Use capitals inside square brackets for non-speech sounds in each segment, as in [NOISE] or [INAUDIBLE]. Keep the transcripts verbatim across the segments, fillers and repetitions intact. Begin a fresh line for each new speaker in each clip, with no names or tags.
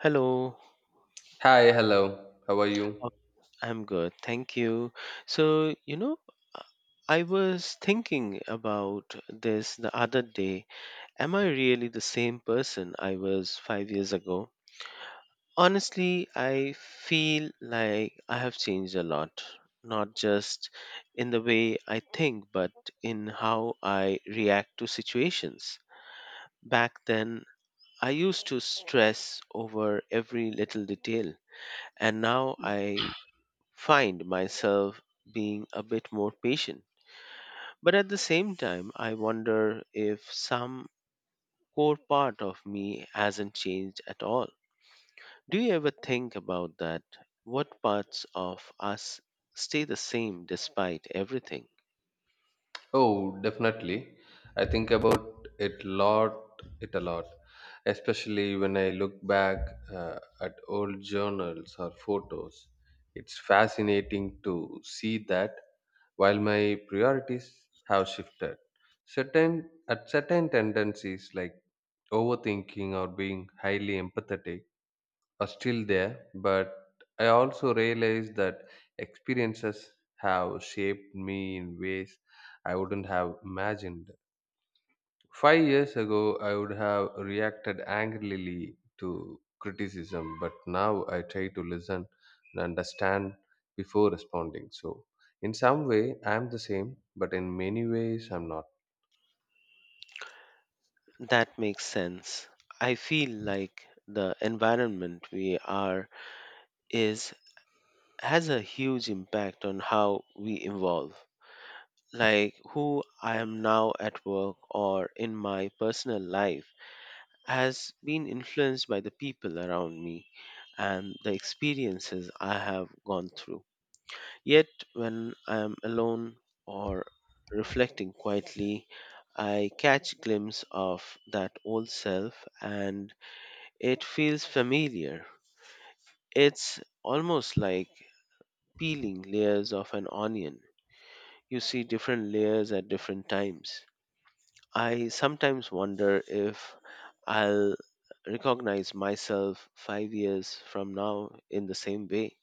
Hello.
Hi, hello. How are you?
uh, I'm good, thank you. So, you know, uh, I was thinking about this the other day. Am I really the same person I was five years ago? Honestly, I feel like I have changed a lot, not just in the way I think, but in how I react to situations. Back then, I used to stress over every little detail, and now I find myself being a bit more patient. But at the same time, I wonder if some core part of me hasn't changed at all. Do you ever think about that? What parts of us stay the same despite everything?
Oh, definitely. I think about it lot, it a lot, especially when I look back uh, at old journals or photos. It's fascinating to see that while my priorities have shifted, certain at certain tendencies like overthinking or being highly empathetic are still there, but I also realized that experiences have shaped me in ways I wouldn't have imagined. Five years ago, I would have reacted angrily to criticism, but now I try to listen and understand before responding. So, in some way, I am the same, but in many ways, I'm not.
That makes sense. I feel like the environment we are is has a huge impact on how we evolve. Like who I am now at work or in my personal life, has been influenced by the people around me and the experiences I have gone through. Yet, when I am alone or reflecting quietly, I catch glimpse of that old self and it feels familiar. It's almost like peeling layers of an onion. You see different layers at different times. I sometimes wonder if I'll recognize myself five years from now in the same way.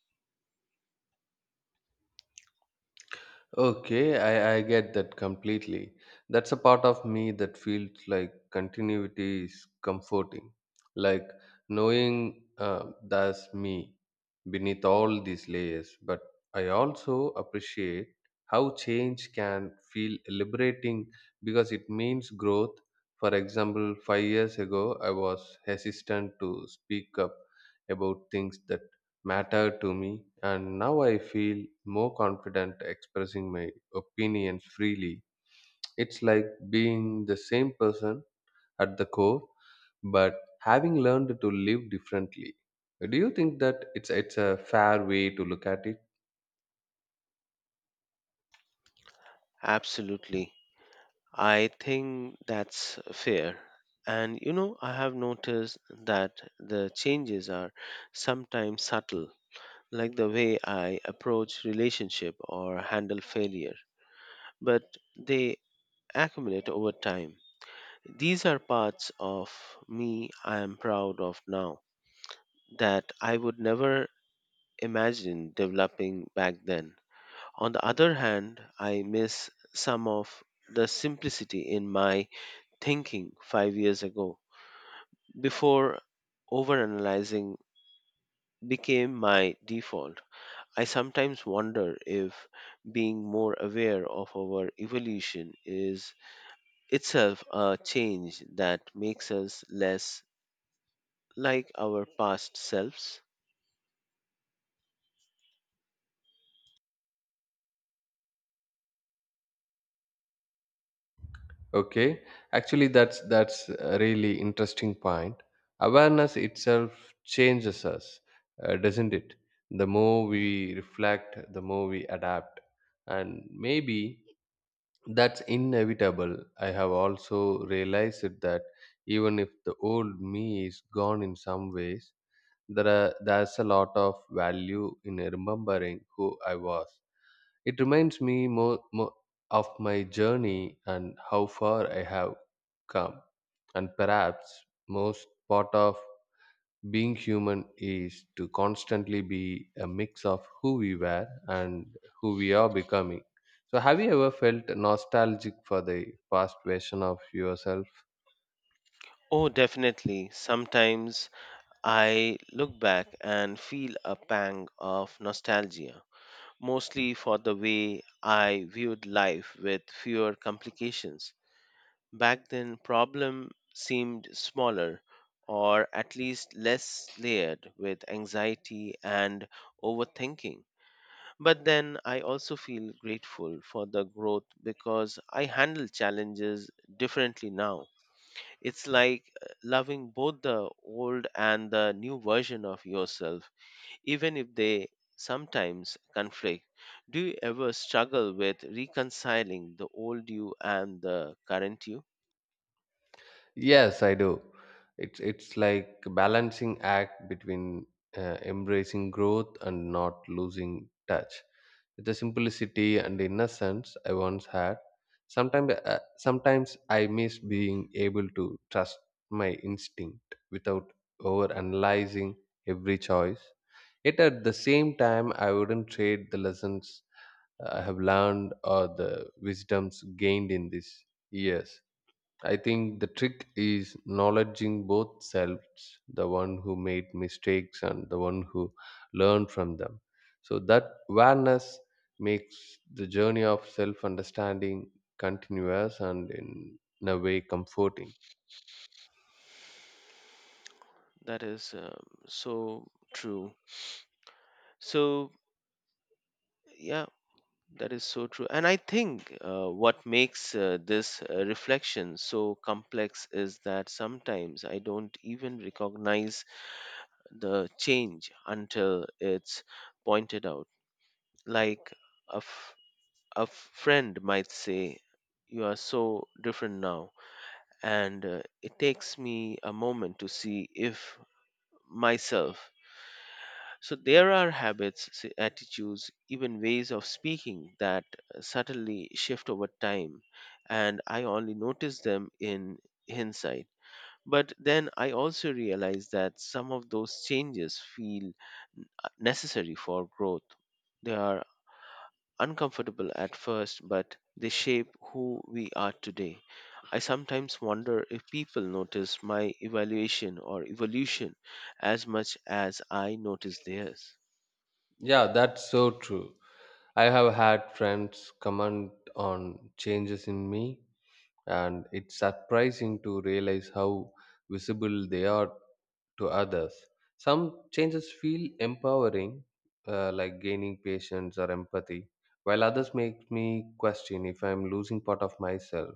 Okay, I, I get that completely. That's a part of me that feels like continuity is comforting. Like knowing uh, that's me beneath all these layers. But I also appreciate how change can feel liberating because it means growth. For example, five years ago, I was hesitant to speak up about things that mattered to me, and now I feel more confident expressing my opinions freely. It's like being the same person at the core, but having learned to live differently. Do you think that it's it's a fair way to look at it?
Absolutely. I think that's fair. And you know, I have noticed that the changes are sometimes subtle, like the way I approach relationship or handle failure, but they accumulate over time. These are parts of me I am proud of now that I would never imagined developing back then. On the other hand, I miss some of the simplicity in my thinking five years ago before overanalyzing became my default. I sometimes wonder if being more aware of our evolution is itself a change that makes us less like our past selves.
Okay, actually, that's that's a really interesting point. Awareness itself changes us, uh, doesn't it? The more we reflect, the more we adapt, and maybe that's inevitable. I have also realized it that even if the old me is gone in some ways, there are, there's a lot of value in remembering who I was. It reminds me more, more of my journey and how far I have come. And perhaps most part of being human is to constantly be a mix of who we were and who we are becoming. So, have you ever felt nostalgic for the past version of yourself?
Oh, definitely. Sometimes I look back and feel a pang of nostalgia, mostly for the way I viewed life with fewer complications. Back then, problem seemed smaller or at least less layered with anxiety and overthinking. But then I also feel grateful for the growth because I handle challenges differently now. It's like uh, loving both the old and the new version of yourself even if they sometimes conflict. Do you ever struggle with reconciling the old you and the current you?
Yes, I do. It's it's like a balancing act between uh, embracing growth and not losing touch with the simplicity and innocence I once had. Sometimes, uh, sometimes I miss being able to trust my instinct without over analyzing every choice. Yet at the same time, I wouldn't trade the lessons I have learned or the wisdoms gained in these years. I think the trick is acknowledging both selves, the one who made mistakes and the one who learned from them. So that awareness makes the journey of self understanding continuous and in, in a way comforting.
That is um, so true. So, yeah, that is so true. And I think uh, what makes uh, this uh, reflection so complex is that sometimes I don't even recognize the change until it's pointed out. Like a a friend might say, "You are so different now." And uh, it takes me a moment to see if myself. So there are habits, s- attitudes, even ways of speaking that uh, subtly shift over time. And I only notice them in hindsight. But then I also realize that some of those changes feel n- necessary for growth. They are uncomfortable at first, but they shape who we are today. I sometimes wonder if people notice my evaluation or evolution as much as I notice theirs.
Yeah, that's so true. I have had friends comment on changes in me and it's surprising to realize how visible they are to others. Some changes feel empowering, uh, like gaining patience or empathy, while others make me question if I'm losing part of myself.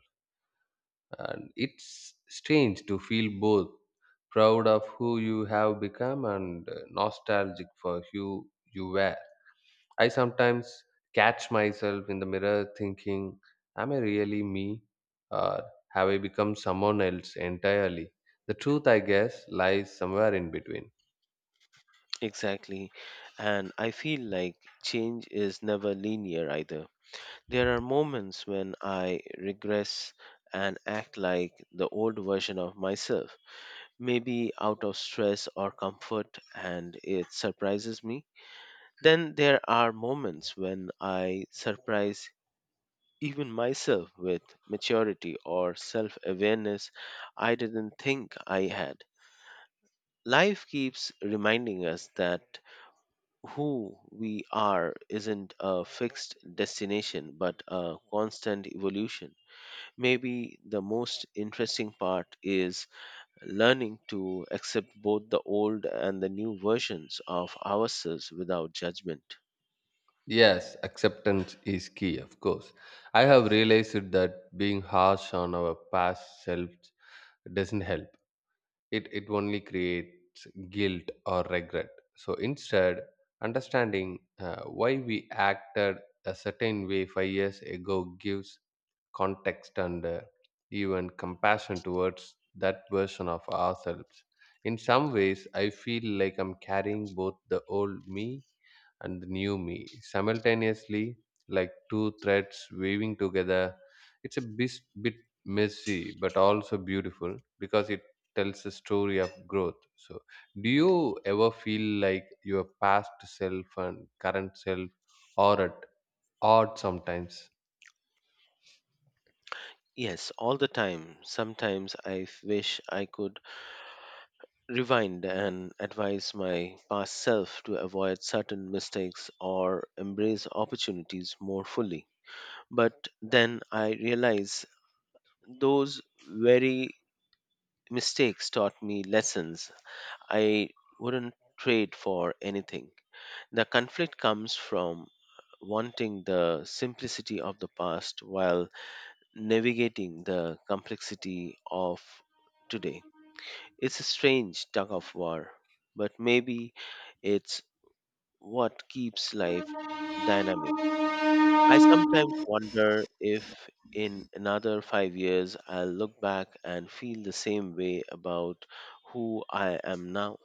And it's strange to feel both proud of who you have become and uh, nostalgic for who you were. I sometimes catch myself in the mirror thinking, am I really me? Or have I become someone else entirely? The truth, I guess, lies somewhere in between.
Exactly. And I feel like change is never linear either. There are moments when I regress and act like the old version of myself, maybe out of stress or comfort, and it surprises me. Then there are moments when I surprise even myself with maturity or self awareness I didn't think I had. Life keeps reminding us that who we are isn't a fixed destination but a constant evolution. Maybe the most interesting part is learning to accept both the old and the new versions of ourselves without judgment.
Yes, acceptance is key, of course. I have realized that being harsh on our past selves doesn't help. it it only creates guilt or regret. So instead, understanding uh, why we acted a certain way five years ago gives context and, uh, even compassion towards that version of ourselves. In some ways I feel like I'm carrying both the old me and the new me simultaneously, like two threads weaving together. It's a bit, bit messy but also beautiful because it tells a story of growth. So do you ever feel like your past self and current self are at odds sometimes?
Yes, all the time. Sometimes I f- wish I could rewind and advise my past self to avoid certain mistakes or embrace opportunities more fully. But then I realize those very mistakes taught me lessons I wouldn't trade for anything. The conflict comes from wanting the simplicity of the past while navigating the complexity of today. It's a strange tug of war, but maybe it's what keeps life dynamic. I sometimes wonder if in another five years I'll look back and feel the same way about who I am now.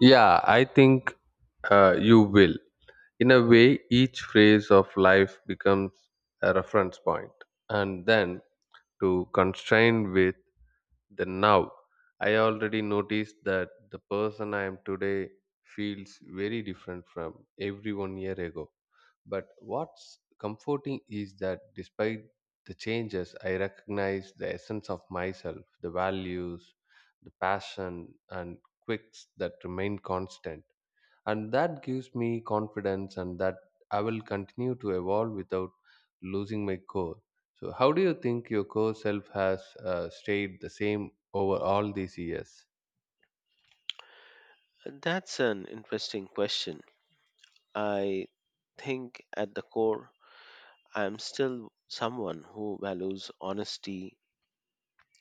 Yeah, I think uh, you will. In a way each phase of life becomes a reference point and then to constrain with then now. I already noticed that the person I am today feels very different from every one year ago. But what's comforting is that despite the changes, I recognize the essence of myself, the values, the passion, and quirks that remain constant, and that gives me confidence and that I will continue to evolve without losing my core. So how do you think your core self has uh, stayed the same over all these years?
That's an interesting question. I think at the core, I'm still someone who values honesty,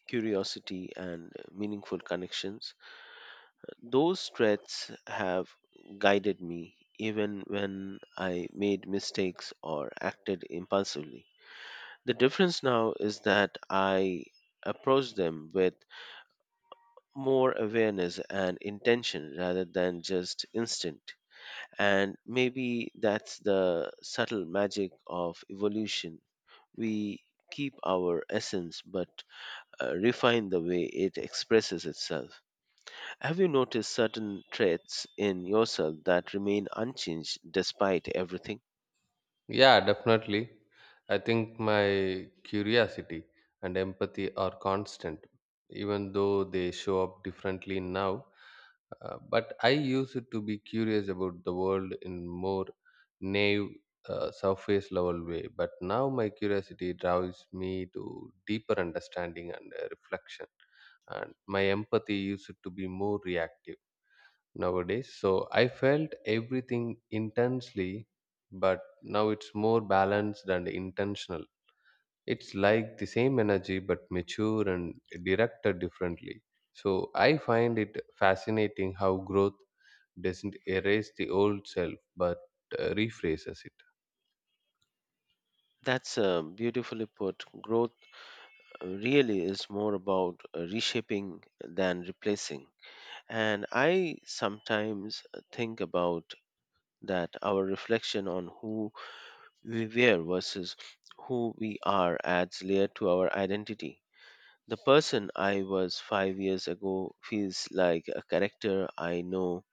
curiosity, and meaningful connections. Those threats have guided me even when I made mistakes or acted impulsively. The difference now is that I approach them with more awareness and intention rather than just instinct. And maybe that's the subtle magic of evolution. We keep our essence but uh, refine the way it expresses itself. Have you noticed certain traits in yourself that remain unchanged despite everything?
Yeah, definitely. I think my curiosity and empathy are constant, even though they show up differently now. Uh, but I used to be curious about the world in more naive, uh, surface level way. But now my curiosity drives me to deeper understanding and uh, reflection, and my empathy used to be more reactive nowadays. So I felt everything intensely, but now it's more balanced and intentional. It's like the same energy but mature and directed differently. So I find it fascinating how growth doesn't erase the old self but uh, rephrases it.
That's uh, beautifully put. Growth uh, really is more about uh, reshaping than replacing. And I sometimes uh, think about that our reflection on who we were versus who we are adds layer to our identity. The person I was five years ago feels like a character I know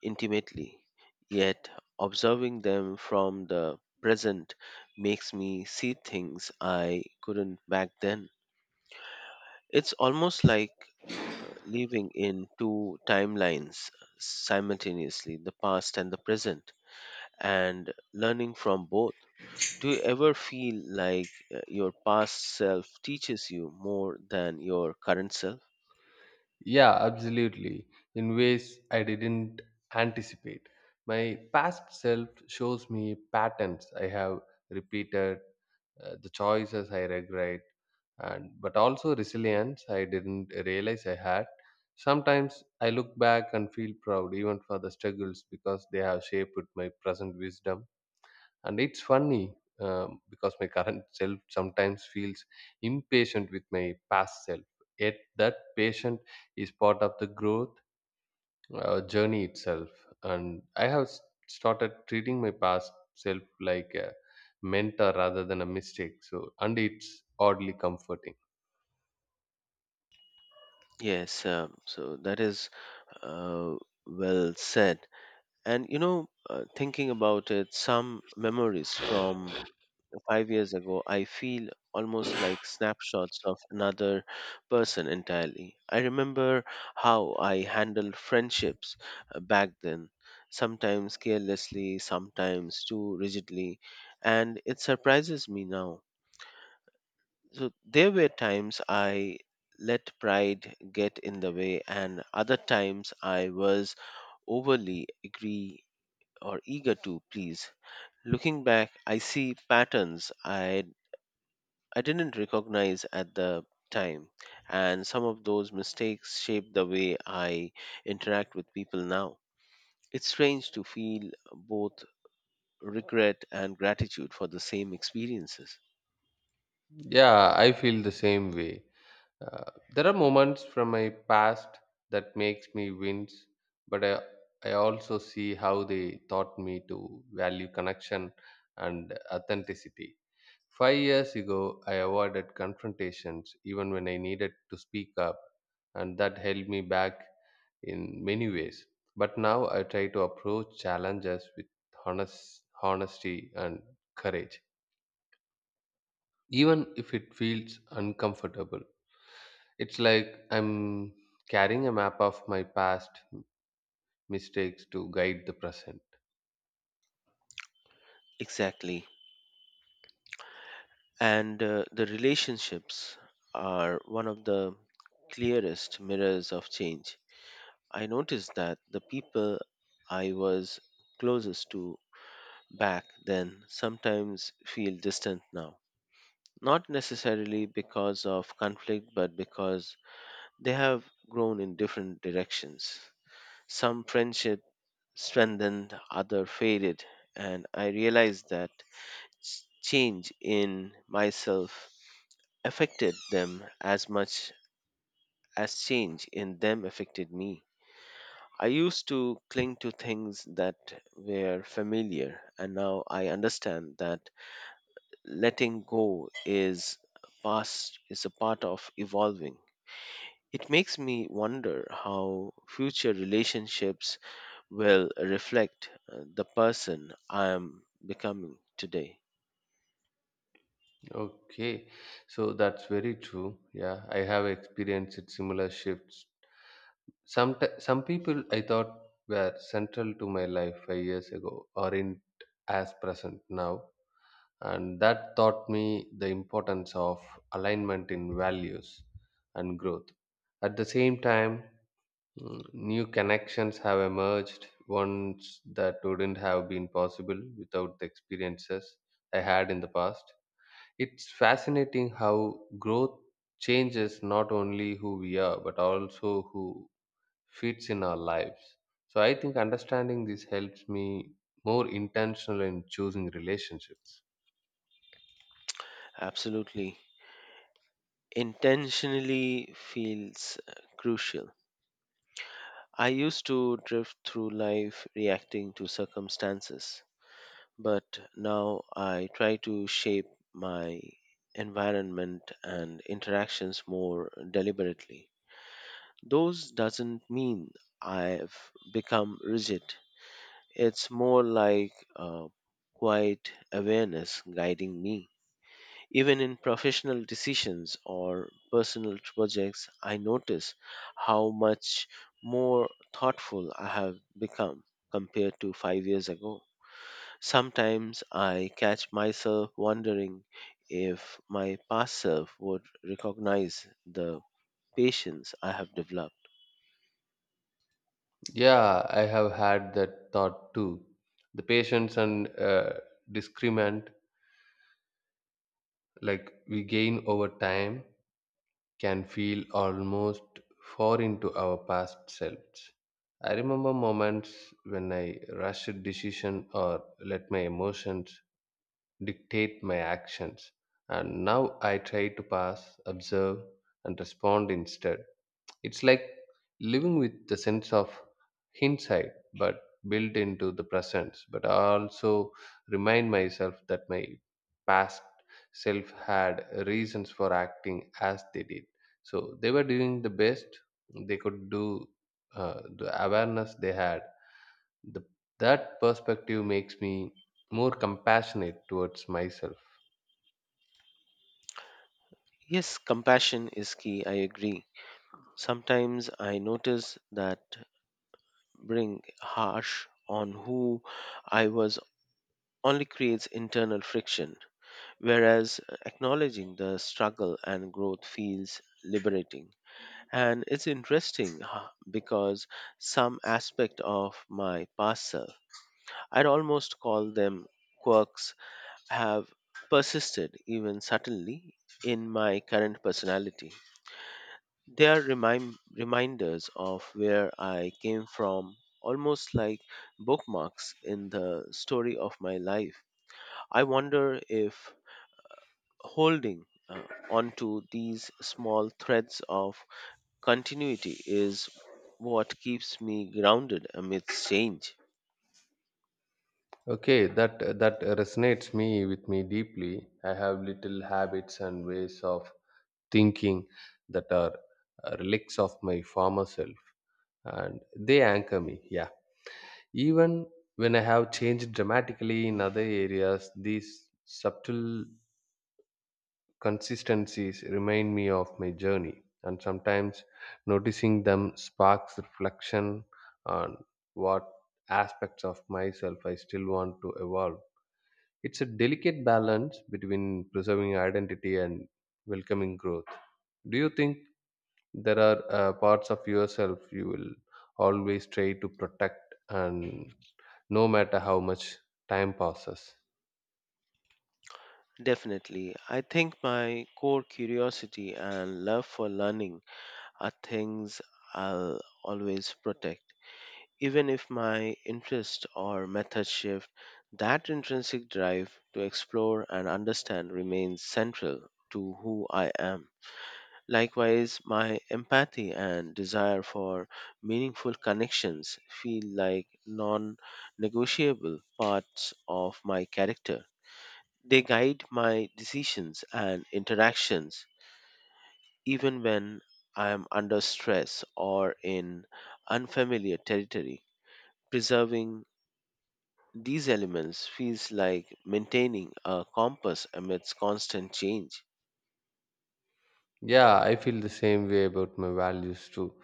intimately, yet observing them from the present makes me see things I couldn't back then. It's almost like uh, living in two timelines uh, simultaneously, the past and the present, and learning from both. Do you ever feel like uh, your past self teaches you more than your current self?
Yeah, absolutely. In ways I didn't anticipate. My past self shows me patterns I have repeated, uh, the choices I regret, and but also resilience I didn't realize I had. Sometimes I look back and feel proud even for the struggles because they have shaped my present wisdom. And it's funny um, because my [LAUGHS] current self sometimes feels impatient with my past self. Yet that patient is part of the growth uh, journey itself. And I have s- started treating my past self like a mentor rather than a mistake. So, and it's oddly comforting.
Yes, um, so that is uh, well said. And you know, uh, thinking about it, some memories from five years ago, I feel almost like snapshots of another person entirely. I remember how I handled friendships uh, back then, sometimes carelessly, sometimes too rigidly, and it surprises me now. So there were times I let pride get in the way, and other times I was overly agree or eager to please. Looking back, I see patterns I, I didn't recognize at the time, and some of those mistakes shape the way I interact with people now. It's strange to feel both regret and gratitude for the same experiences.
Yeah, I feel the same way. Uh, there are moments from my past that makes me wince, but I, I also see how they taught me to value connection and authenticity. Five years ago, I avoided confrontations even when I needed to speak up, and that held me back in many ways. But now I try to approach challenges with honest, honesty and courage, even if it feels uncomfortable. It's like I'm carrying a map of my past mistakes to guide the present.
Exactly. And uh, the relationships are one of the clearest mirrors of change. I noticed that the people I was closest to back then sometimes feel distant now. Not necessarily because of conflict, but because they have grown in different directions. Some friendship strengthened, other faded, and I realized that s- change in myself affected them as much as change in them affected me. I used to cling to things that were familiar, and now I understand that letting go is past is a part of evolving. It makes me wonder how future relationships will reflect uh, the person I am becoming today.
Okay, so that's very true. Yeah, I have experienced similar shifts. Some t- some people I thought were central to my life five years ago aren't as present now, and that taught me the importance of alignment in values and growth. At the same time, mm, new connections have emerged, ones that wouldn't have been possible without the experiences I had in the past. It's fascinating how growth changes not only who we are but also who fits in our lives. So I think understanding this helps me more intentional in choosing relationships.
Absolutely. Intentionally feels uh, crucial. I used to drift through life reacting to circumstances, but now I try to shape my environment and interactions more deliberately. Those doesn't mean I've become rigid. It's more like a quiet awareness guiding me. Even in professional decisions or personal projects, I notice how much more thoughtful I have become compared to five years ago. Sometimes I catch myself wondering if my past self would recognize the patience I have developed.
Yeah, I have had that thought too. The patience and, uh, discrement, like we gain over time, can feel almost foreign to our past selves. I remember moments when I rushed decision or let my emotions dictate my actions. And now I try to pass, observe, and respond instead. It's like living with the sense of hindsight, but built into the present. But I also remind myself that my past self had reasons for acting as they did. So they were doing the best they could do. Uh, the awareness they had, the, that perspective makes me more compassionate towards myself.
Yes, compassion is key, I agree. Sometimes I notice that being harsh on who I was only creates internal friction, whereas acknowledging the struggle and growth feels liberating. And it's interesting huh, because some aspect of my past self, I'd almost call them quirks, have persisted even subtly in my current personality. They are remind, reminders of where I came from, almost like bookmarks in the story of my life. I wonder if holding uh, onto these small threads of continuity is what keeps me grounded amidst change.
Okay, that that resonates me with me deeply. I have little habits and ways of thinking that are uh, relics of my former self, and they anchor me. Yeah, even when I have changed dramatically in other areas, these subtle consistencies remind me of my journey, and sometimes noticing them sparks reflection on what aspects of myself I still want to evolve. It's a delicate balance between preserving identity and welcoming growth. Do you think there are uh, parts of yourself you will always try to protect and no matter how much time passes?
Definitely. I think my core curiosity and love for learning are things I'll always protect. Even if my interest or method shift, that intrinsic drive to explore and understand remains central to who I am. Likewise, my empathy and desire for meaningful connections feel like non negotiable parts of my character. They guide my decisions and interactions even when I am under stress or in unfamiliar territory, preserving these elements feels like maintaining a compass amidst constant change.
Yeah, I feel the same way about my values too.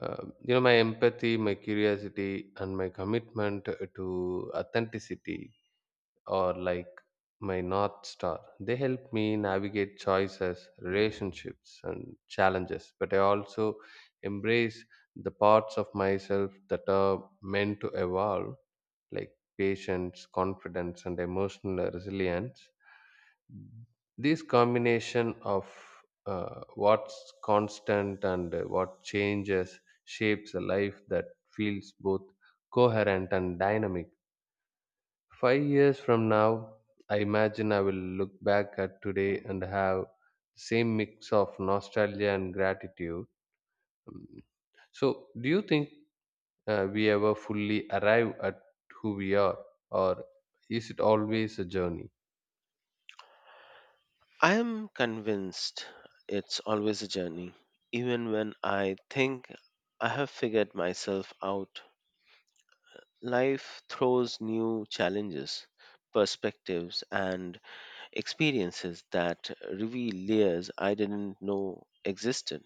Uh, you know, my empathy, my curiosity, and my commitment to authenticity or like my North Star. They help me navigate choices, relationships, and challenges, but I also embrace the parts of myself that are meant to evolve, like patience, confidence, and emotional resilience. This combination of uh, what's constant and uh, what changes shapes a life that feels both coherent and dynamic. Five years from now, I imagine I will look back at today and have the same mix of nostalgia and gratitude. Mm. So, do you think uh, we ever fully arrive at who we are, or is it always a journey?
I am convinced it's always a journey. Even when I think I have figured myself out, life throws new challenges, perspectives, and experiences that reveal layers I didn't know existed.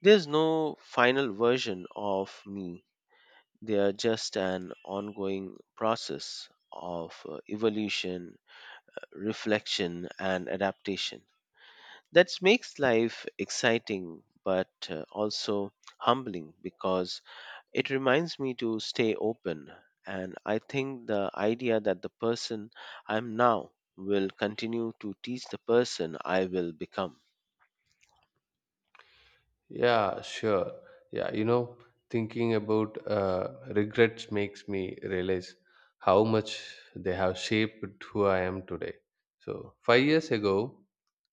There's no final version of me. They are just an ongoing process of uh, evolution, reflection, and adaptation. That makes life exciting but uh, also humbling because it reminds me to stay open. And I think the idea that the person I'm now will continue to teach the person I will become.
Yeah, sure. Yeah, you know, thinking about uh, regrets makes me realize how much they have shaped who I am today. So, five years ago,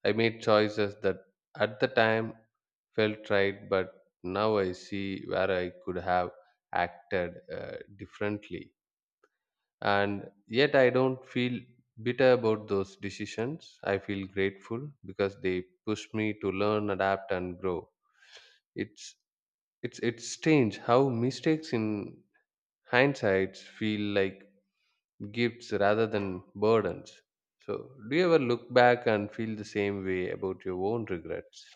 I made choices that at the time felt right, but now I see where I could have acted uh, differently. And yet, I don't feel bitter about those decisions. I feel grateful because they pushed me to learn, adapt, and grow. It's it's it's strange how mistakes in hindsight feel like gifts rather than burdens. So, do you ever look back and feel the same way about your own regrets?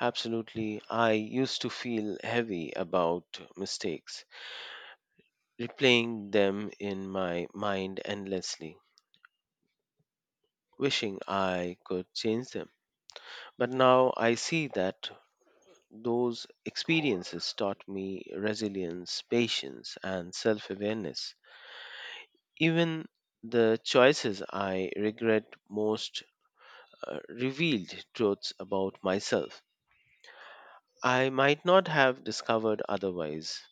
Absolutely, I used to feel heavy about mistakes replaying them in my mind endlessly, wishing I could change them. But now I see that those experiences taught me resilience, patience, and self awareness. Even the choices I regret most uh, revealed truths about myself I might not have discovered otherwise.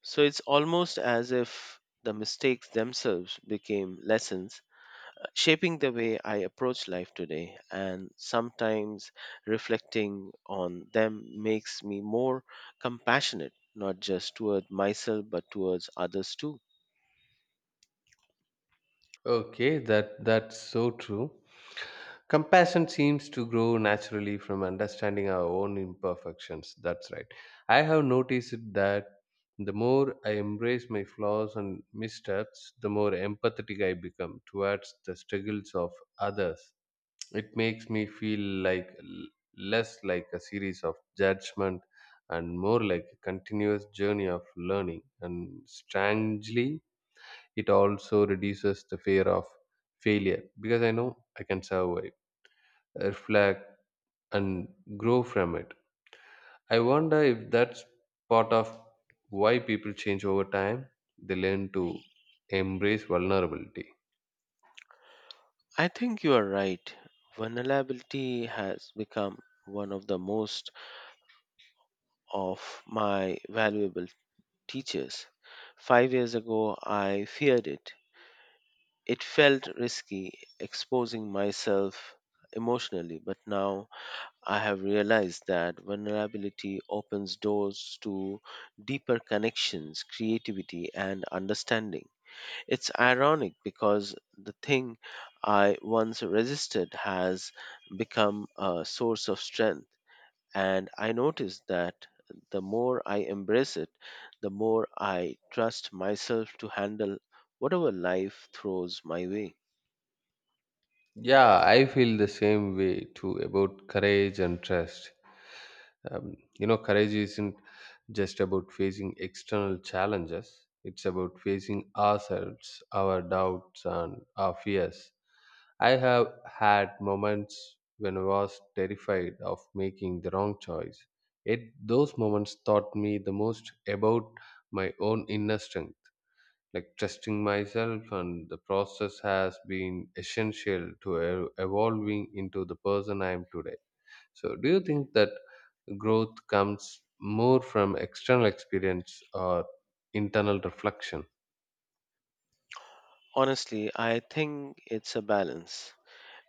So it's almost as if the mistakes themselves became lessons shaping the way I approach life today, and sometimes reflecting on them makes me more compassionate, not just toward myself, but towards others too.
Okay, that that's so true. Compassion seems to grow naturally from understanding our own imperfections. That's right. I have noticed that the more I embrace my flaws and missteps, the more empathetic I become towards the struggles of others. It makes me feel like l- less like a series of judgment and more like a continuous journey of learning. And strangely, it also reduces the fear of failure because I know I can survive, reflect, and grow from it. I wonder if that's part of why people change over time. They learn to embrace vulnerability.
I think you are right. Vulnerability has become one of the most of my valuable teachers. Five years ago, I feared it. It felt risky exposing myself emotionally, but now I have realized that vulnerability opens doors to deeper connections, creativity, and understanding. It's ironic because the thing I once resisted has become a source of strength, and I notice that the more I embrace it, the more I trust myself to handle whatever life throws my way.
Yeah, I feel the same way too about courage and trust. Um, you know, courage isn't just about facing external challenges. It's about facing ourselves, our doubts and our fears. I have had moments when I was terrified of making the wrong choice, yet those moments taught me the most about my own inner strength. Like trusting myself and the process has been essential to e- evolving into the person I am today. So, do you think that growth comes more from external experience or internal reflection?
Honestly, I think it's a balance.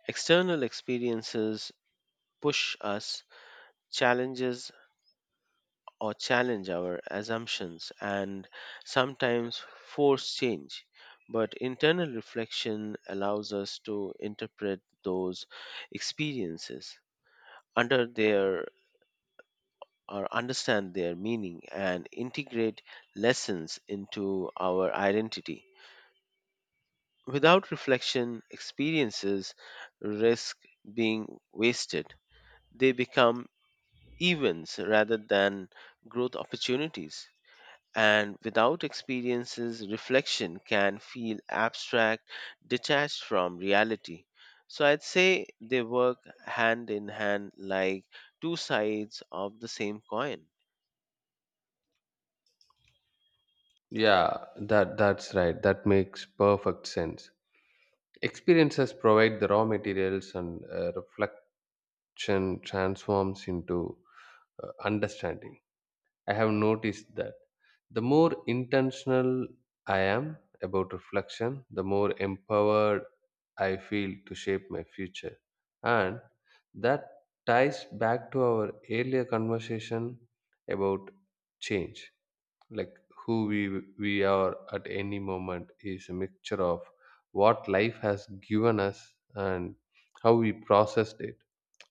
External experiences push us, challenges or challenge our assumptions, and sometimes force change. But internal reflection allows us to interpret those experiences under their or understand their meaning and integrate lessons into our identity. Without reflection, experiences risk being wasted. They become events rather than growth opportunities. And without experiences, reflection can feel abstract, detached from reality. So I'd say they work hand in hand like two sides of the same coin.
Yeah, that that's right. That makes perfect sense. Experiences provide the raw materials, and uh, reflection transforms into uh, understanding. I have noticed that the more intentional I am about reflection, the more empowered I feel to shape my future. And that ties back to our earlier conversation about change. Like who we, we are at any moment is a mixture of what life has given us and how we processed it.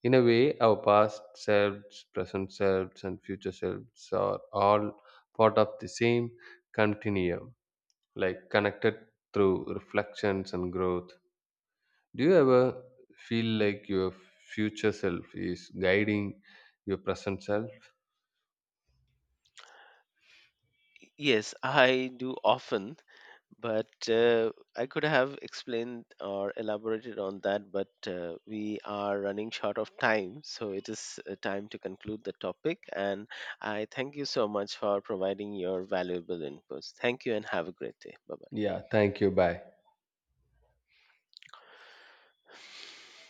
In a way, our past selves, present selves, and future selves are all part of the same continuum, like connected through reflections and growth. Do you ever feel like your future self is guiding your present self?
Yes, I do often, but uh, I could have explained or elaborated on that, but uh, we are running short of time, so it is uh, time to conclude the topic. And I thank you so much for providing your valuable inputs. Thank you and have a great day. Bye bye.
Yeah, thank you. Bye.